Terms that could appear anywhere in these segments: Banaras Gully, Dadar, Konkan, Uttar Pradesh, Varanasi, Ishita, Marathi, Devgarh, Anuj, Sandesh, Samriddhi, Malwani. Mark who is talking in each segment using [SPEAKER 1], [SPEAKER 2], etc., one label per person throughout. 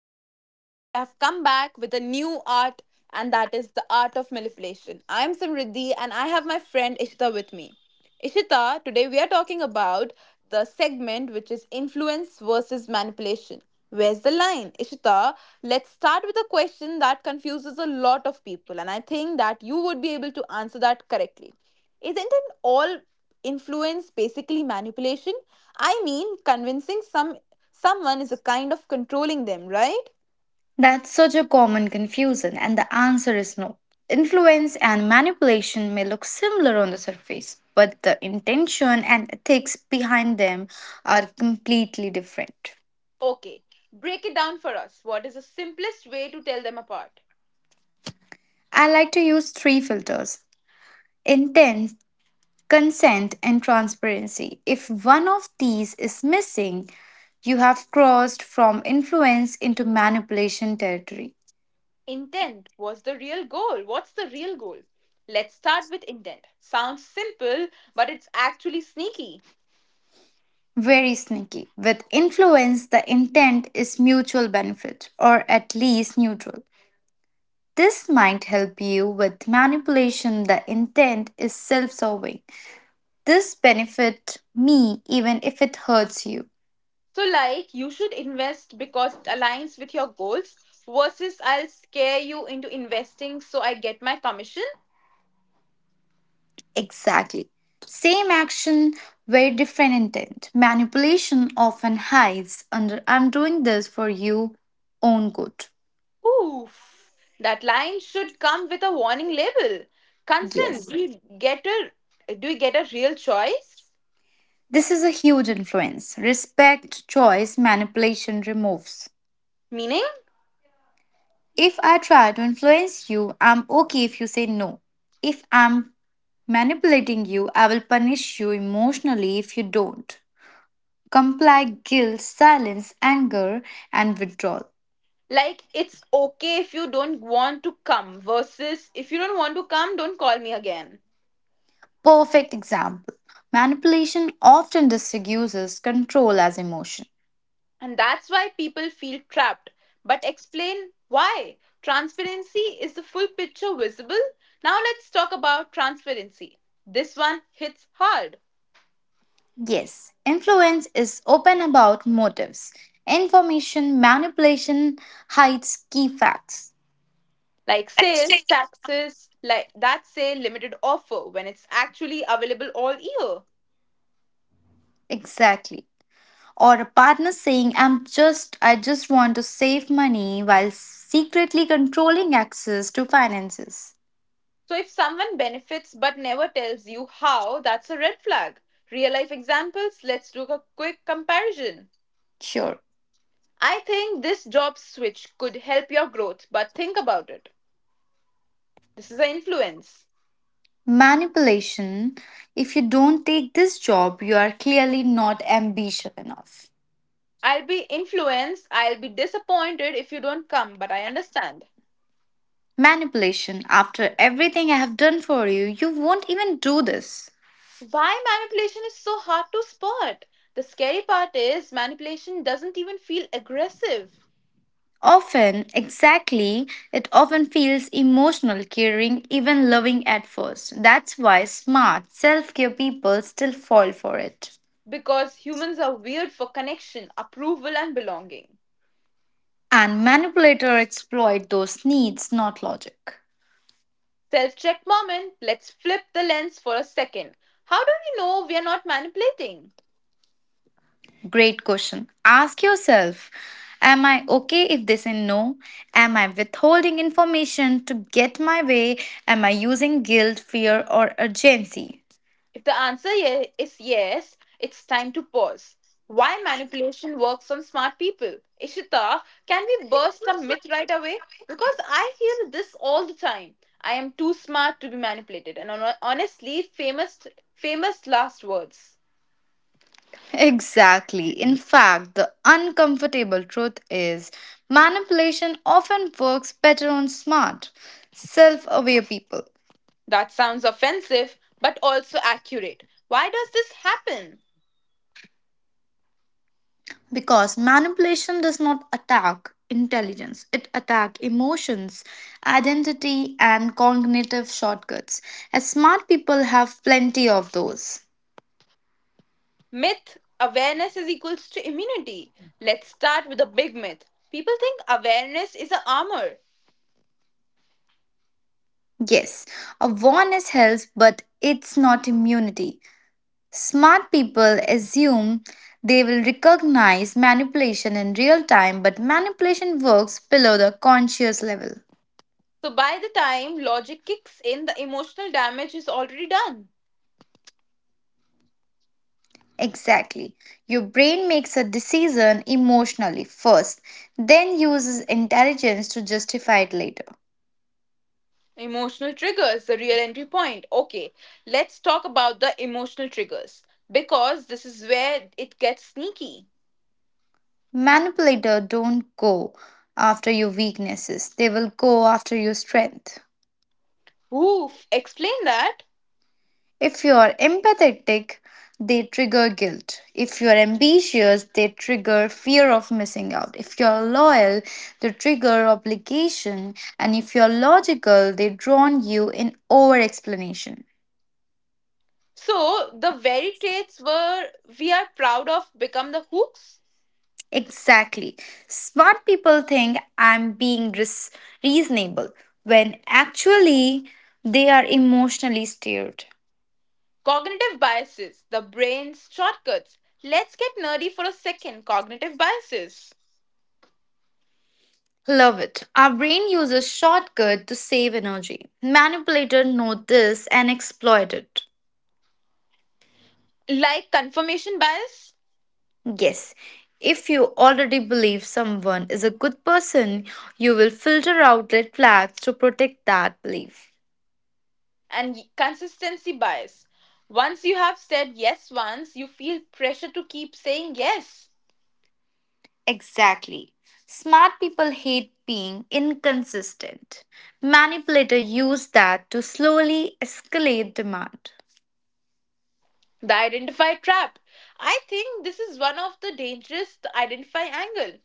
[SPEAKER 1] Today we have come back with a new art, and that is the art of manipulation. I am Samriddhi and I have my friend Ishita with me. Ishita, today we are talking about the segment, which is influence versus manipulation. Where's the line? Ishita, let's start with a question that confuses a lot of people, and I think that you would be able to answer that correctly. Isn't it all influence basically manipulation? I mean, convincing someone is a kind of controlling them, right?
[SPEAKER 2] That's such a common confusion, and the answer is no. Influence and manipulation may look similar on the surface, but the intention and ethics behind them are completely different.
[SPEAKER 1] Okay, break it down for us. What is the simplest way to tell them apart?
[SPEAKER 2] I like to use three filters: intent, consent, and transparency. If one of these is missing, you have crossed from influence into manipulation territory.
[SPEAKER 1] Intent. Was the real goal? What's the real goal? Let's start with intent. Sounds simple, but it's actually sneaky.
[SPEAKER 2] Very sneaky. With influence, the intent is mutual benefit or at least neutral. This might help you. With manipulation, the intent is self serving. This benefit me even if it hurts you.
[SPEAKER 1] So, like, you should invest because it aligns with your goals versus I'll scare you into investing so I get my commission.
[SPEAKER 2] Exactly. Same action, very different intent. Manipulation often hides under I'm doing this for you own good.
[SPEAKER 1] Oof. That line should come with a warning label. Consent.
[SPEAKER 2] Yes.
[SPEAKER 1] Do you get a real choice?
[SPEAKER 2] This is a huge influence. Respect, choice, manipulation removes.
[SPEAKER 1] Meaning?
[SPEAKER 2] If I try to influence you, I'm okay if you say no. If I'm manipulating you, I will punish you emotionally if you don't. Comply, guilt, silence, anger, and withdrawal.
[SPEAKER 1] Like it's okay if you don't want to come versus if you don't want to come, don't call me again.
[SPEAKER 2] Perfect example. Manipulation often disguises control as emotion.
[SPEAKER 1] And that's why people feel trapped. But explain why. Transparency is the full picture visible. Now let's talk about transparency. This one hits hard.
[SPEAKER 2] Yes, influence is open about motives. Information manipulation hides key facts.
[SPEAKER 1] Like sales taxes, like that say limited offer when it's actually available all year.
[SPEAKER 2] Exactly. Or a partner saying I just want to save money while secretly controlling access to finances.
[SPEAKER 1] So if someone benefits but never tells you how, that's a red flag. Real life examples, let's do a quick comparison.
[SPEAKER 2] Sure.
[SPEAKER 1] I think this job switch could help your growth, but think about it. This is an influence.
[SPEAKER 2] Manipulation: if you don't take this job, you are clearly not ambitious enough.
[SPEAKER 1] I'll be influenced, I'll be disappointed if you don't come, but I understand.
[SPEAKER 2] Manipulation: after everything I have done for you, you won't even do this.
[SPEAKER 1] Why manipulation is so hard to spot? The scary part is manipulation doesn't even feel aggressive,
[SPEAKER 2] Often, exactly. It often feels emotional, caring, even loving at first. That's why smart self-care people still fall for it.
[SPEAKER 1] because humans are weird for connection, approval, and belonging.
[SPEAKER 2] And manipulator exploit those needs, not logic.
[SPEAKER 1] Self check moment, let's flip the lens for a second. How do we know we are not manipulating?
[SPEAKER 2] Great question. Ask yourself: Am I okay if they say no? Am I withholding information to get my way? Am I using guilt, fear, or urgency?
[SPEAKER 1] If the answer is yes, it's time to pause. Why manipulation works on smart people? Ishita, can we burst the myth right away? Because I hear this all the time. I am too smart to be manipulated. And honestly, famous last words.
[SPEAKER 2] Exactly. In fact, the uncomfortable truth is manipulation often works better on smart, self aware people.
[SPEAKER 1] That sounds offensive, but also accurate. Why does this happen?
[SPEAKER 2] Because manipulation does not attack intelligence, it attacks emotions, identity, and cognitive shortcuts, as smart people have plenty of those.
[SPEAKER 1] Myth awareness is equals to immunity. Let's start with a big myth. People think awareness is a armor.
[SPEAKER 2] Yes, awareness helps, but it's not immunity. Smart people assume they will recognize manipulation in real time, but manipulation works below the conscious level.
[SPEAKER 1] So by the time logic kicks in, the emotional damage is already done.
[SPEAKER 2] Exactly. Your brain makes a decision emotionally first, then uses intelligence to justify it later.
[SPEAKER 1] Emotional triggers, the real entry point. Okay, let's talk about the emotional triggers because this is where it gets sneaky.
[SPEAKER 2] Manipulator don't go after your weaknesses. They will go after your strength.
[SPEAKER 1] Oof, explain that.
[SPEAKER 2] If you are empathetic, they trigger guilt. If you are ambitious, they trigger fear of missing out. If you are loyal, they trigger obligation. And if you are logical, they drown you in over explanation.
[SPEAKER 1] So the very traits were we are proud of become the hooks.
[SPEAKER 2] Exactly. Smart people think I'm being reasonable when actually they are emotionally steered.
[SPEAKER 1] Cognitive biases, the brain's shortcuts. Let's get nerdy for a second. Cognitive biases.
[SPEAKER 2] Love it. Our brain uses shortcut to save energy. Manipulator know this and exploit it.
[SPEAKER 1] Like confirmation bias,
[SPEAKER 2] Yes. If you already believe someone is a good person, you will filter out red flags to protect that belief.
[SPEAKER 1] and consistency bias. Once you have said yes once, you feel pressure to keep saying yes.
[SPEAKER 2] Exactly. Smart people hate being inconsistent. Manipulators use that to slowly escalate demand.
[SPEAKER 1] The identify trap. I think this is one of the dangerous the identify angle.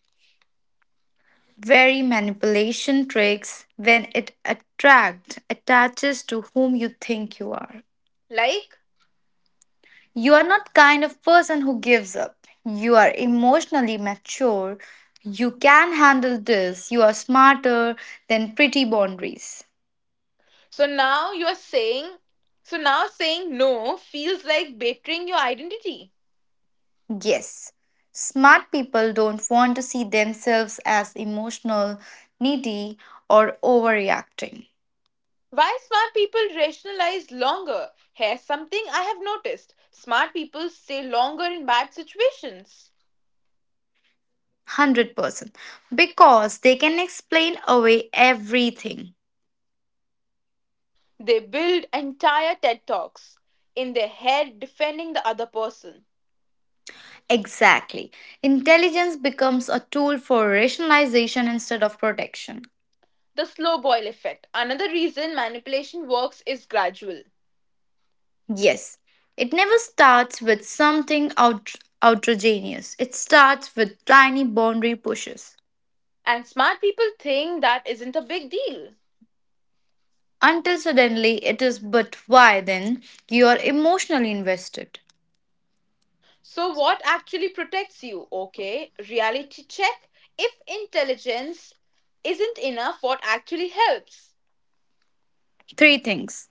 [SPEAKER 2] Very manipulation tricks when it attract attaches to whom you think you are.
[SPEAKER 1] Like,
[SPEAKER 2] You are not kind of person who gives up. You are emotionally mature. You can handle this. You are smarter than pretty boundaries.
[SPEAKER 1] so now you are saying, so now saying no feels like betraying your identity.
[SPEAKER 2] Yes, smart people don't want to see themselves as emotional, needy, or overreacting.
[SPEAKER 1] Why smart people rationalize longer? Here's something I have noticed smart people stay longer in bad situations.
[SPEAKER 2] 100%. Because they can explain away everything.
[SPEAKER 1] They build entire TED Talks in their head defending the other person.
[SPEAKER 2] Exactly. Intelligence becomes a tool for rationalization instead of protection.
[SPEAKER 1] The slow boil effect. Another reason manipulation works is gradual.
[SPEAKER 2] Yes, it never starts with something outrageous, it starts with tiny boundary pushes.
[SPEAKER 1] And smart people think that isn't a big deal.
[SPEAKER 2] Until suddenly it is. But why? Then you are emotionally invested.
[SPEAKER 1] So, what actually protects you? Okay, reality check. If intelligence isn't enough, what actually helps?
[SPEAKER 2] Three things: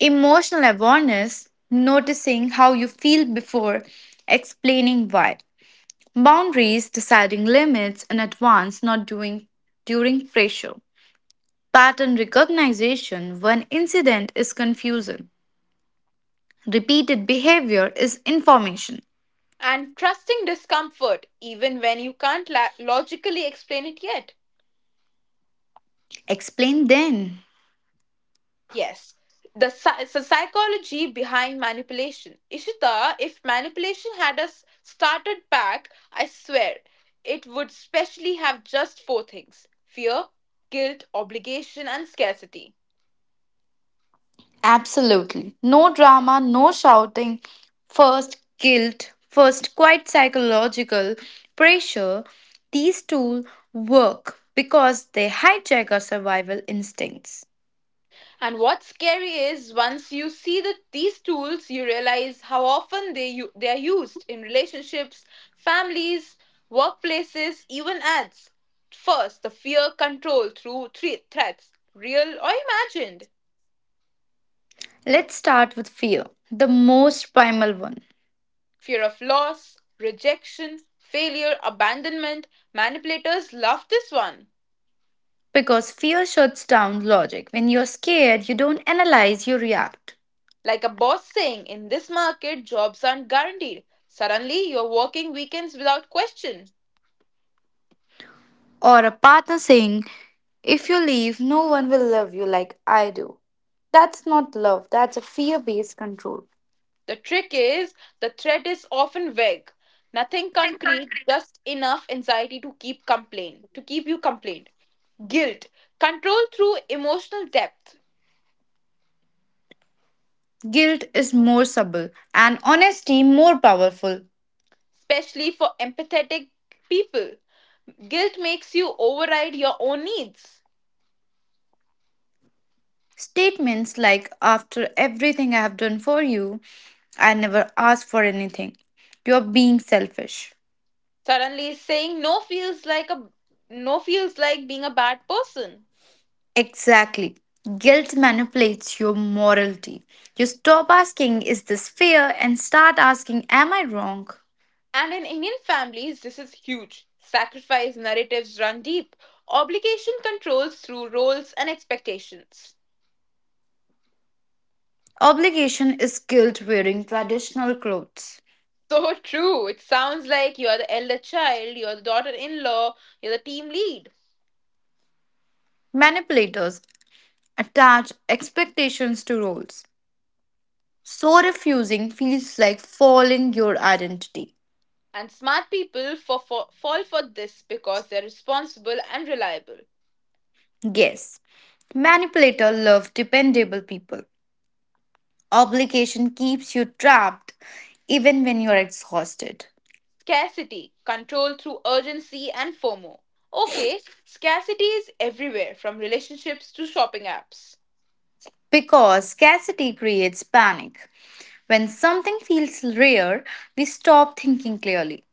[SPEAKER 2] emotional awareness, noticing how you feel before explaining why; boundaries, deciding limits in advance, not doing during pressure; pattern recognition, when incident is confusion, repeated behavior is information.
[SPEAKER 1] And trusting discomfort, even when you can't logically explain it yet.
[SPEAKER 2] Explain then.
[SPEAKER 1] Yes. The it's the psychology behind manipulation. Ishita, if manipulation had us started back, I swear it would specially have just four things: fear, guilt, obligation, and scarcity.
[SPEAKER 2] Absolutely. No drama, no shouting, first guilt, first quite psychological pressure. These tools work because they hijack our survival instincts.
[SPEAKER 1] And what's scary is once you see that these tools, you realize how often they are used in relationships, families, workplaces, even ads. First, the fear control through threats, real or imagined.
[SPEAKER 2] Let's start with fear, the most primal one.
[SPEAKER 1] Fear of loss, rejection, failure, abandonment. Manipulators love this one.
[SPEAKER 2] Because fear shuts down logic. When you're scared, you don't analyze, you react.
[SPEAKER 1] Like a boss saying, in this market, jobs aren't guaranteed. Suddenly, you're working weekends without question.
[SPEAKER 2] Or a partner saying, if you leave, no one will love you like I do. That's not love, that's a fear based control.
[SPEAKER 1] The trick is, the threat is often vague. Nothing concrete, just enough anxiety to keep complain, to keep you complained. Guilt, control through emotional depth,
[SPEAKER 2] Guilt is more subtle and honesty more powerful.
[SPEAKER 1] especially for empathetic people. Guilt makes you override your own needs.
[SPEAKER 2] Statements like, after everything I have done for you, I never asked for anything. You're being selfish.
[SPEAKER 1] Suddenly saying no feels like a no feels like being a bad person.
[SPEAKER 2] Exactly. Guilt manipulates your morality. You stop asking, is this fair, and start asking, am I wrong?
[SPEAKER 1] And in Indian families, this is huge. Sacrifice narratives run deep. Obligation controls through roles and expectations.
[SPEAKER 2] Obligation is guilt wearing traditional clothes.
[SPEAKER 1] So true. It sounds like you're the elder child, you're the daughter in law, you're the team lead.
[SPEAKER 2] Manipulators attach expectations to roles. So refusing feels like falling your identity.
[SPEAKER 1] And smart people fall for this because they're responsible and reliable.
[SPEAKER 2] Yes, manipulator love dependable people. Obligation keeps you trapped even when you're exhausted.
[SPEAKER 1] Scarcity, control through urgency and FOMO. Okay, scarcity is everywhere from relationships to shopping apps.
[SPEAKER 2] Because scarcity creates panic. When something feels rare, we stop thinking clearly.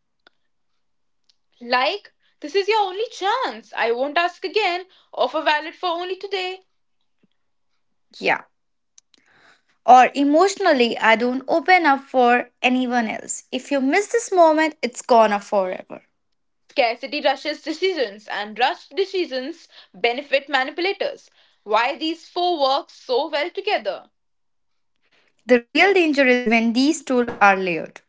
[SPEAKER 1] Like, this is your only chance. I won't ask again. Offer valid for only today.
[SPEAKER 2] Yeah. Or emotionally, I don't open up for anyone else. If you miss this moment, it's gone off forever.
[SPEAKER 1] Scarcity rushes decisions, and rushed decisions benefit manipulators. Why these four work so well together?
[SPEAKER 2] The real danger is when these tools are layered.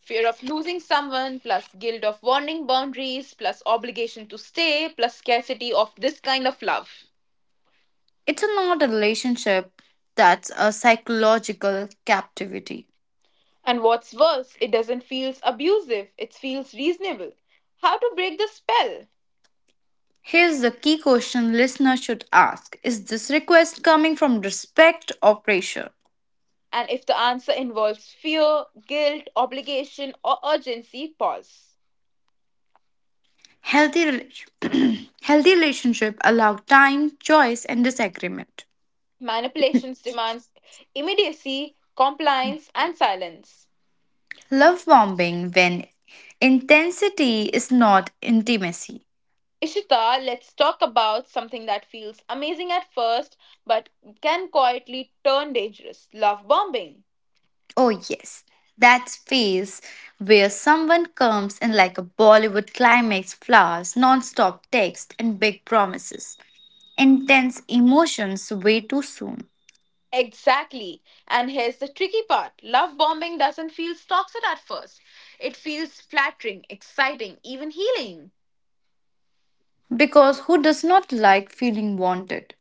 [SPEAKER 1] Fear of losing someone, plus guilt of warning boundaries, plus obligation to stay, plus scarcity of this kind of love.
[SPEAKER 2] It's not a relationship, that's a psychological captivity.
[SPEAKER 1] And what's worse, it doesn't feel abusive, it feels reasonable. How to break the spell?
[SPEAKER 2] Here's the key question listeners should ask: is this request coming from respect or pressure?
[SPEAKER 1] And if the answer involves fear, guilt, obligation, or urgency, pause.
[SPEAKER 2] Healthy relationship allow time, choice, and disagreement.
[SPEAKER 1] Manipulations demands immediacy, compliance, and silence.
[SPEAKER 2] Love bombing, when intensity is not intimacy.
[SPEAKER 1] Ishita, let's talk about something that feels amazing at first but can quietly turn dangerous love bombing.
[SPEAKER 2] Oh, yes, that phase where someone comes in like a Bollywood climax, flowers, non stop text, and big promises. Intense emotions way too soon.
[SPEAKER 1] Exactly. And here's the tricky part love bombing doesn't feel toxic at first, it feels flattering, exciting, even healing.
[SPEAKER 2] Because who does not like feeling wanted?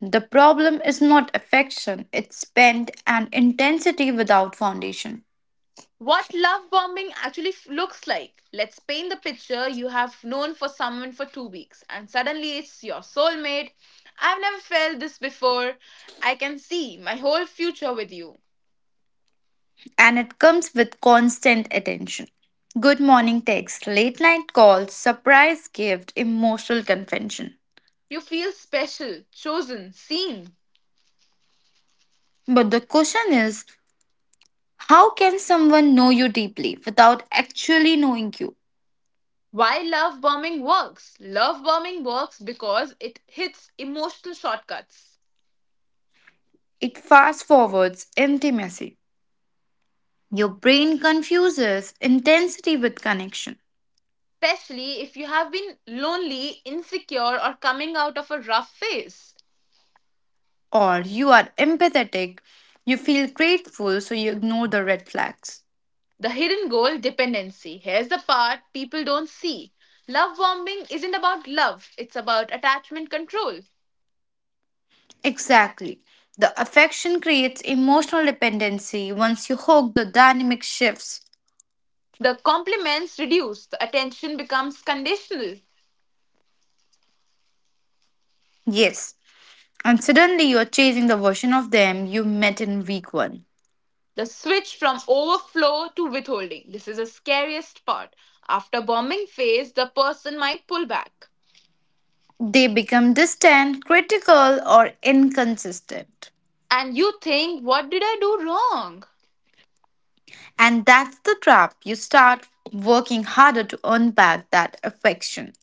[SPEAKER 2] The problem is not affection, it's spend and intensity without foundation.
[SPEAKER 1] What love bombing actually looks like. Let's paint the picture you have known for someone for 2 weeks, and suddenly it's your soulmate. I've never felt this before. I can see my whole future with you.
[SPEAKER 2] And it comes with constant attention. Good morning text, late night calls, surprise gift, emotional confession.
[SPEAKER 1] You feel special, chosen, seen.
[SPEAKER 2] But the question is, how can someone know you deeply without actually knowing you?
[SPEAKER 1] Why love bombing works? Love bombing works because it hits emotional shortcuts,
[SPEAKER 2] It fast forwards intimacy. Your brain confuses intensity with connection,
[SPEAKER 1] especially if you have been lonely, insecure, or coming out of a rough phase.
[SPEAKER 2] or you are empathetic, you feel grateful, so you ignore the red flags.
[SPEAKER 1] The hidden goal dependency. Here's the part people don't see. Love bombing isn't about love, it's about attachment control.
[SPEAKER 2] Exactly. The affection creates emotional dependency. Once you hook, the dynamic shifts.
[SPEAKER 1] The compliments reduce, the attention becomes conditional.
[SPEAKER 2] Yes. And suddenly you are chasing the version of them you met in week one.
[SPEAKER 1] The switch from overflow to withholding. This is the scariest part. After bombing phase, the person might pull back.
[SPEAKER 2] They become distant, critical, or inconsistent.
[SPEAKER 1] And you think, what did I do wrong?
[SPEAKER 2] And that's the trap. You start working harder to earn back that affection.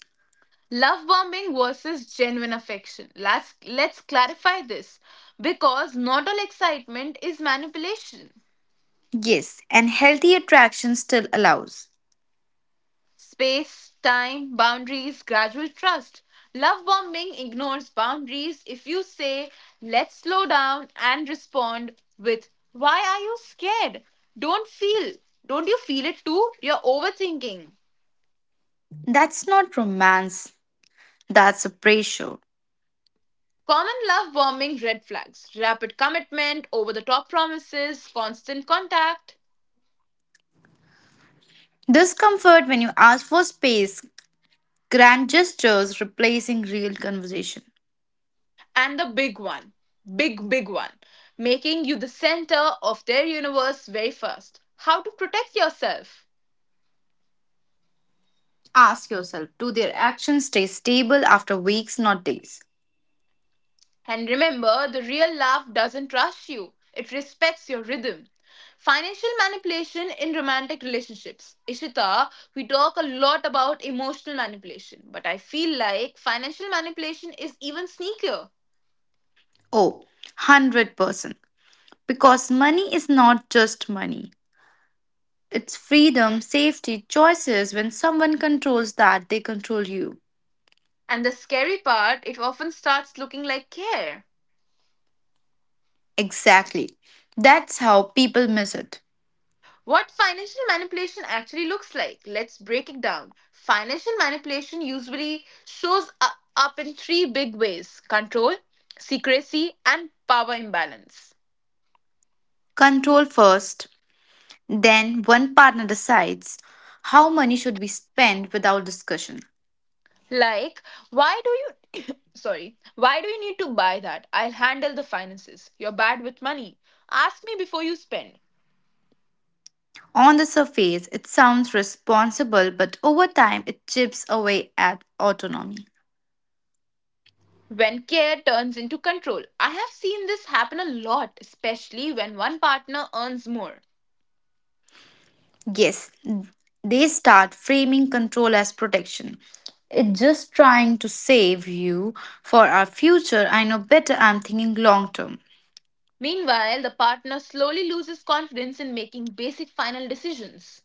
[SPEAKER 1] Love bombing versus genuine affection. Let's clarify this because not all excitement is manipulation.
[SPEAKER 2] Yes, and healthy attraction still allows.
[SPEAKER 1] Space, time, boundaries, gradual trust. Love bombing ignores boundaries. If you say, let's slow down and respond with, why are you scared? Don't feel. Don't you feel it too? You're overthinking.
[SPEAKER 2] That's not romance, that's a pressure.
[SPEAKER 1] Common love bombing red flags: rapid commitment, over the top promises, constant contact.
[SPEAKER 2] Discomfort when you ask for space, grand gestures replacing real conversation.
[SPEAKER 1] And the big one, big one, making you the center of their universe very first. How to protect yourself.
[SPEAKER 2] Ask yourself, do their actions stay stable after weeks, not days?
[SPEAKER 1] And remember, the real love doesn't rush you, it respects your rhythm. Financial manipulation in romantic relationships. Ishita, we talk a lot about emotional manipulation, but I feel like financial manipulation is even sneakier.
[SPEAKER 2] Oh, 100%. Because money is not just money, it's freedom, safety, choices. When someone controls that, they control you.
[SPEAKER 1] And the scary part, it often starts looking like care.
[SPEAKER 2] Exactly. That's how people miss it.
[SPEAKER 1] What financial manipulation actually looks like? Let's break it down. Financial manipulation usually shows up in three big ways: control, secrecy, and power imbalance.
[SPEAKER 2] Control first. Then one partner decides how money should be spent without discussion.
[SPEAKER 1] Like, why do you. Sorry. Why do you need to buy that? I'll handle the finances. You're bad with money. Ask me before you spend.
[SPEAKER 2] On the surface, it sounds responsible, but over time, it chips away at autonomy.
[SPEAKER 1] When care turns into control. I have seen this happen a lot, especially when one partner earns more.
[SPEAKER 2] Yes, they start framing control as protection. It's just trying to save you for our future. I know better, I'm thinking long term.
[SPEAKER 1] Meanwhile, the partner slowly loses confidence in making basic final decisions.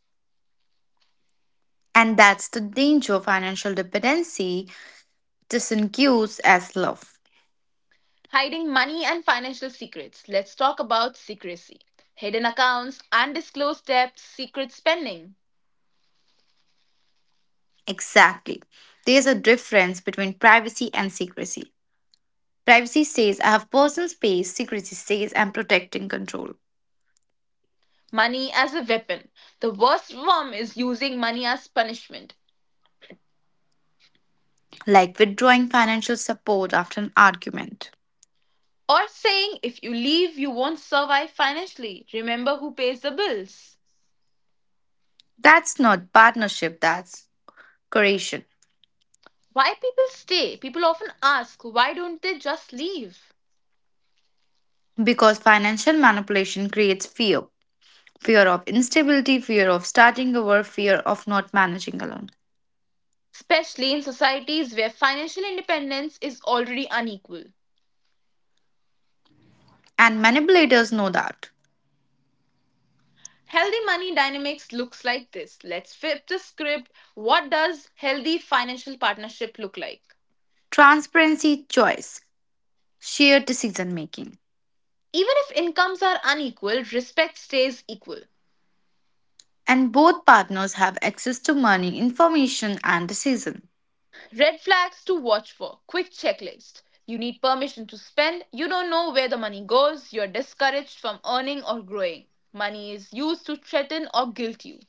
[SPEAKER 2] And that's the danger of financial dependency, disengaged as love.
[SPEAKER 1] Hiding money and financial secrets. Let's talk about secrecy. Hidden accounts, undisclosed debts, secret spending.
[SPEAKER 2] Exactly. There's a difference between privacy and secrecy. Privacy says I have personal space, secrecy says I'm protecting control,
[SPEAKER 1] Money as a weapon. The worst form is using money as punishment.
[SPEAKER 2] like withdrawing financial support after an argument.
[SPEAKER 1] Or saying if you leave, you won't survive financially. Remember who pays the bills.
[SPEAKER 2] That's not partnership, that's coercion.
[SPEAKER 1] Why people stay? People often ask, why don't they just leave?
[SPEAKER 2] Because financial manipulation creates fear of instability, fear of starting over, fear of not managing alone.
[SPEAKER 1] Especially in societies where financial independence is already unequal.
[SPEAKER 2] And manipulators know that.
[SPEAKER 1] Healthy money dynamics looks like this. Let's flip the script. What does healthy financial partnership look like?
[SPEAKER 2] Transparency, choice, shared decision making,
[SPEAKER 1] Even if incomes are unequal, respect stays equal.
[SPEAKER 2] and both partners have access to money, information, and decision.
[SPEAKER 1] Red flags to watch for. Quick checklist. You need permission to spend. You don't know where the money goes. You're discouraged from earning or growing. Money is used to threaten or guilt you.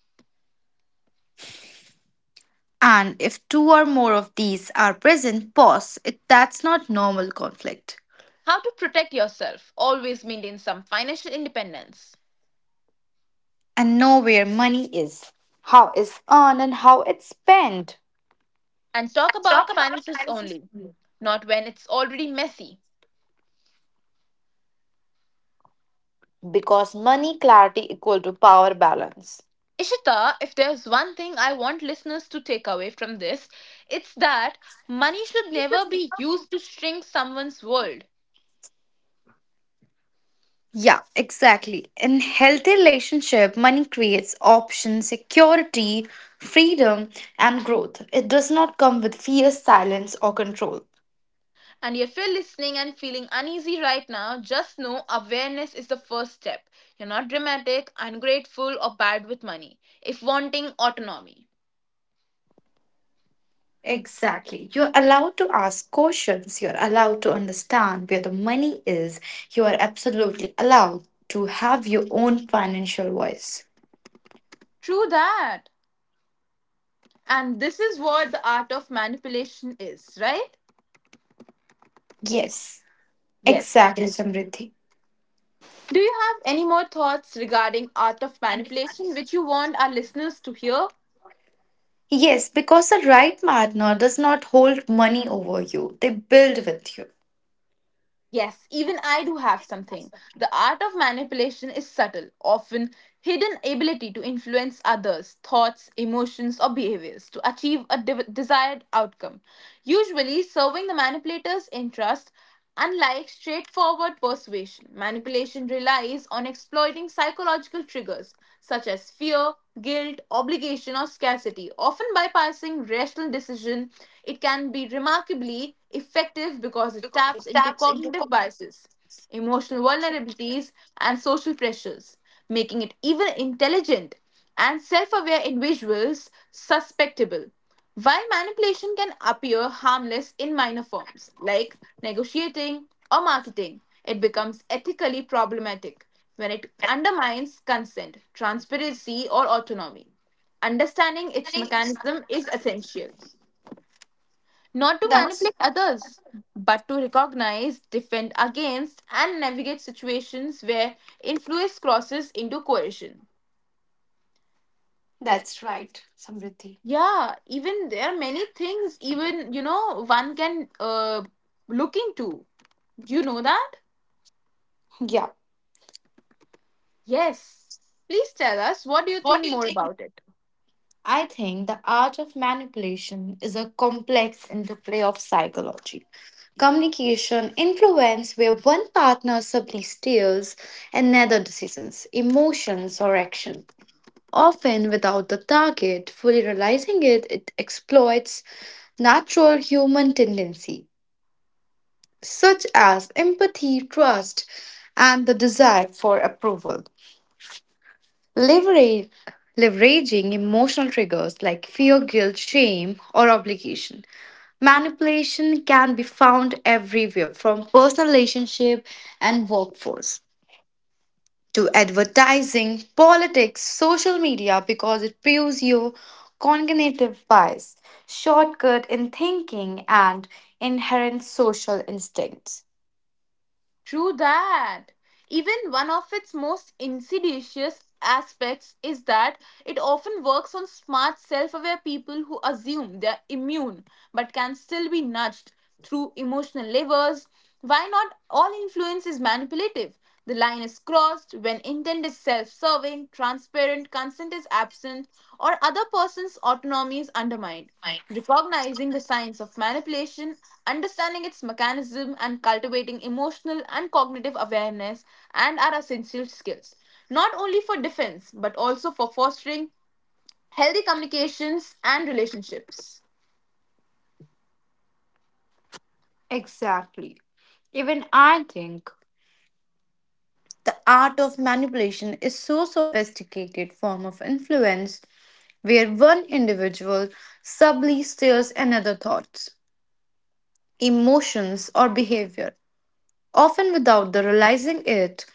[SPEAKER 2] And if two or more of these are present, pause. That's not normal conflict.
[SPEAKER 1] How to protect yourself. Always maintain some financial independence.
[SPEAKER 2] And know where money is, how it's earned, and how it's spent.
[SPEAKER 1] And talk about finances only, not when it's already messy.
[SPEAKER 2] Because money clarity equal to power balance.
[SPEAKER 1] Ishita, if there's one thing I want listeners to take away from this, it's that money should never be used to shrink someone's world.
[SPEAKER 2] Yeah, exactly. In healthy relationship, money creates options, security, freedom, and growth. It does not come with fear, silence, or control.
[SPEAKER 1] And if you're listening and feeling uneasy right now, just know awareness is the first step. You're not dramatic, ungrateful, or bad with money if wanting autonomy.
[SPEAKER 2] Exactly. You're allowed to ask questions. You're allowed to understand where the money is. You are absolutely allowed to have your own financial voice.
[SPEAKER 1] True that. And this is what the art of manipulation is, right?
[SPEAKER 2] Yes,
[SPEAKER 1] Yes.
[SPEAKER 2] exactly, Samriddhi.
[SPEAKER 1] Do you have any more thoughts regarding art of manipulation which you want our listeners to hear?
[SPEAKER 2] Yes, because the right partner does not hold money over you. They build with you.
[SPEAKER 1] Yes, even I do have something. The art of manipulation is subtle, often hidden ability to influence others' thoughts, emotions, or behaviors to achieve a desired outcome, usually serving the manipulator's interest. Unlike straightforward persuasion, manipulation relies on exploiting psychological triggers such as fear, guilt, obligation, or scarcity, often bypassing rational decision. It can be remarkably therapy effective because it taps into cognitive biases, emotional vulnerabilities, and social pressures, making it even intelligent and self aware individuals suspectable. While manipulation can appear harmless in minor forms, like negotiating or marketing, it becomes ethically problematic when it undermines consent, transparency, or autonomy. Understanding its mechanism is essential not to
[SPEAKER 2] That's
[SPEAKER 1] manipulate others, but to recognize, defend against, and navigate situations where influence crosses into coercion.
[SPEAKER 2] that's right, Samriddhi.
[SPEAKER 1] Yeah, even there are many things, even you know, one can look into. Do you know that?
[SPEAKER 2] Yeah.
[SPEAKER 1] Yes. Please tell us what do you think more about it?
[SPEAKER 2] I think the art of manipulation is a complex interplay of psychology, communication, influence, where one partner subtly steers another decisions, emotions, or action. Often without the target fully realizing it, it exploits natural human tendency, such as empathy, trust, and the desire for approval. Leverage, leveraging emotional triggers like fear, guilt, shame, or obligation. Manipulation can be found everywhere, from personal relationship and workforce to advertising, politics, social media, because it fuels your cognitive bias, shortcut in thinking, and inherent social instincts.
[SPEAKER 1] True that. Even one of its most insidious aspects is that it often works on smart, self aware people who assume they're immune but can still be nudged through emotional levers. Why not? All influence is manipulative. The line is crossed when intent is self serving, transparent, consent is absent, or other person's autonomy is undermined. Recognizing the signs of manipulation, understanding its mechanism, and cultivating emotional and cognitive awareness and are essential skills, not only for defense but also for fostering healthy communications and relationships.
[SPEAKER 2] Exactly. Even I think the art of manipulation is so sophisticated form of influence where one individual subtly steers another thoughts, emotions or behavior, often without the realizing it.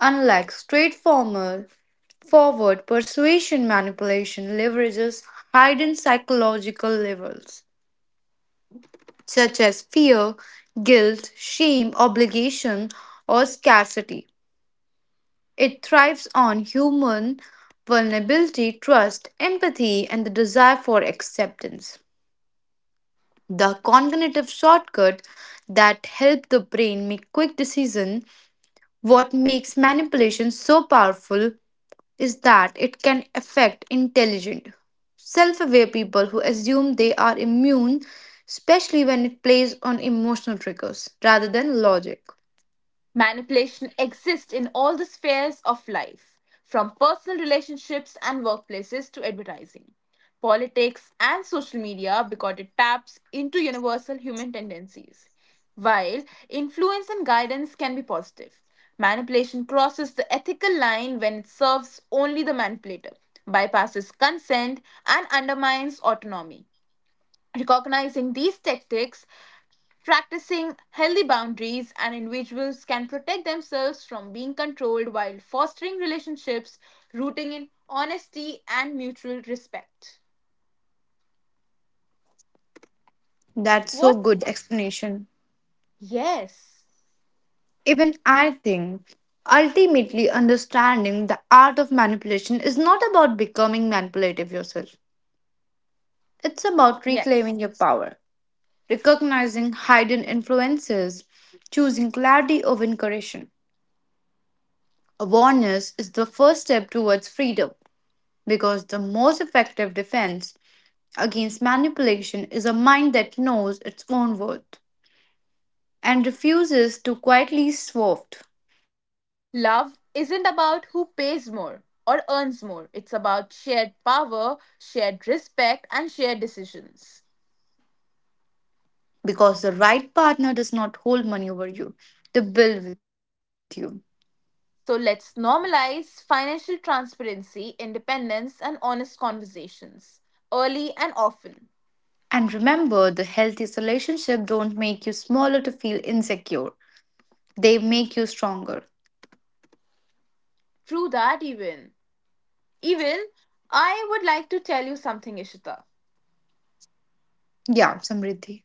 [SPEAKER 2] Unlike straightforward forward persuasion, manipulation leverages hidden psychological levels such as fear, guilt, shame, obligation or scarcity. It thrives on human vulnerability, trust, empathy, and the desire for acceptance. The cognitive shortcut that help the brain make quick decisions. What makes manipulation so powerful is that it can affect intelligent, self-aware people who assume they are immune, especially when it plays on emotional triggers rather than logic.
[SPEAKER 1] Manipulation exists in all the spheres of life, from personal relationships and workplaces to advertising, politics, and social media because it taps into universal human tendencies. While influence and guidance can be positive, manipulation crosses the ethical line when it serves only the manipulator, bypasses consent, and undermines autonomy. Recognizing these tactics, practicing healthy boundaries and individuals can protect themselves from being controlled while fostering relationships rooting in honesty and mutual respect.
[SPEAKER 2] That's so
[SPEAKER 1] What?
[SPEAKER 2] good explanation.
[SPEAKER 1] Yes.
[SPEAKER 2] Even I think ultimately understanding the art of manipulation is not about becoming manipulative yourself. It's about
[SPEAKER 1] Yes.
[SPEAKER 2] reclaiming your power, recognizing hidden influences, choosing clarity over encouragement. Awareness is the first step towards freedom, because the most effective defense against manipulation is a mind that knows its own worth and refuses to quietly swerve.
[SPEAKER 1] Love isn't about who pays more or earns more. It's about shared power, shared respect, and shared decisions.
[SPEAKER 2] Because the right partner does not hold money over you, they build with you.
[SPEAKER 1] So let's normalize financial transparency, independence, and honest conversations early and often.
[SPEAKER 2] And remember, the healthiest relationship don't make you smaller to feel insecure. They make you stronger.
[SPEAKER 1] True that, even. Even I would like to tell you something, Ishita.
[SPEAKER 2] Yeah, Samriddhi.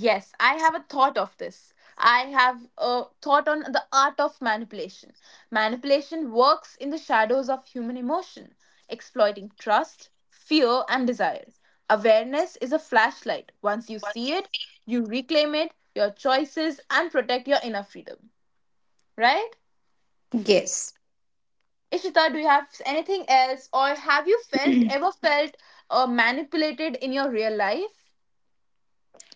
[SPEAKER 1] Yes, I have a thought of this. I have a thought on the art of manipulation. Manipulation works in the shadows of human emotion, exploiting trust, fear, and desire. Awareness is a flashlight. Once you see it, you reclaim it, your choices, and protect your inner freedom. Right?
[SPEAKER 2] Yes.
[SPEAKER 1] Ishita, do you have anything else, or have you felt ever felt manipulated in your real life?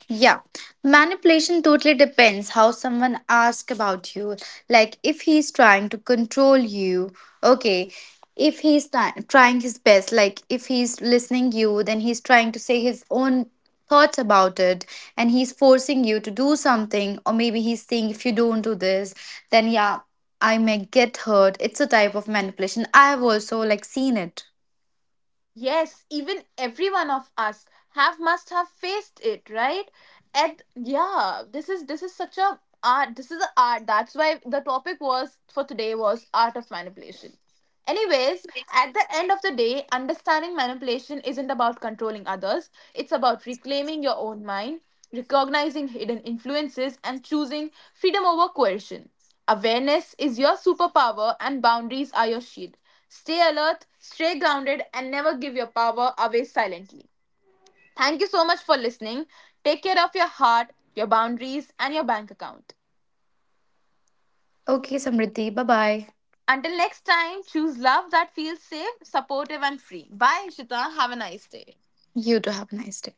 [SPEAKER 2] Yeah, manipulation totally depends how someone asks about you. Like if he's trying to control you, okay. If he's trying his best, like if he's listening you, then he's trying to say his own thoughts about it, and he's forcing you to do something, or maybe he's saying if you don't do this, then yeah, I may get hurt. It's a type of manipulation. I have also like seen it.
[SPEAKER 1] Yes, even every one of us have must have faced it, right? And yeah, this is such a art. This is an art. That's why the topic was for today was art of manipulation. Anyways, at the end of the day, understanding manipulation isn't about controlling others, it's about reclaiming your own mind, recognizing hidden influences, and choosing freedom over coercion. Awareness is your superpower, and boundaries are your shield. Stay alert, stay grounded, and never give your power away silently. Thank you so much for listening. Take care of your heart, your boundaries, and your bank account.
[SPEAKER 2] Okay, Samriddhi, bye bye.
[SPEAKER 1] Until next time, choose love that feels safe, supportive, and free. Bye, Ishita. Have a nice day.
[SPEAKER 2] You too have a nice day.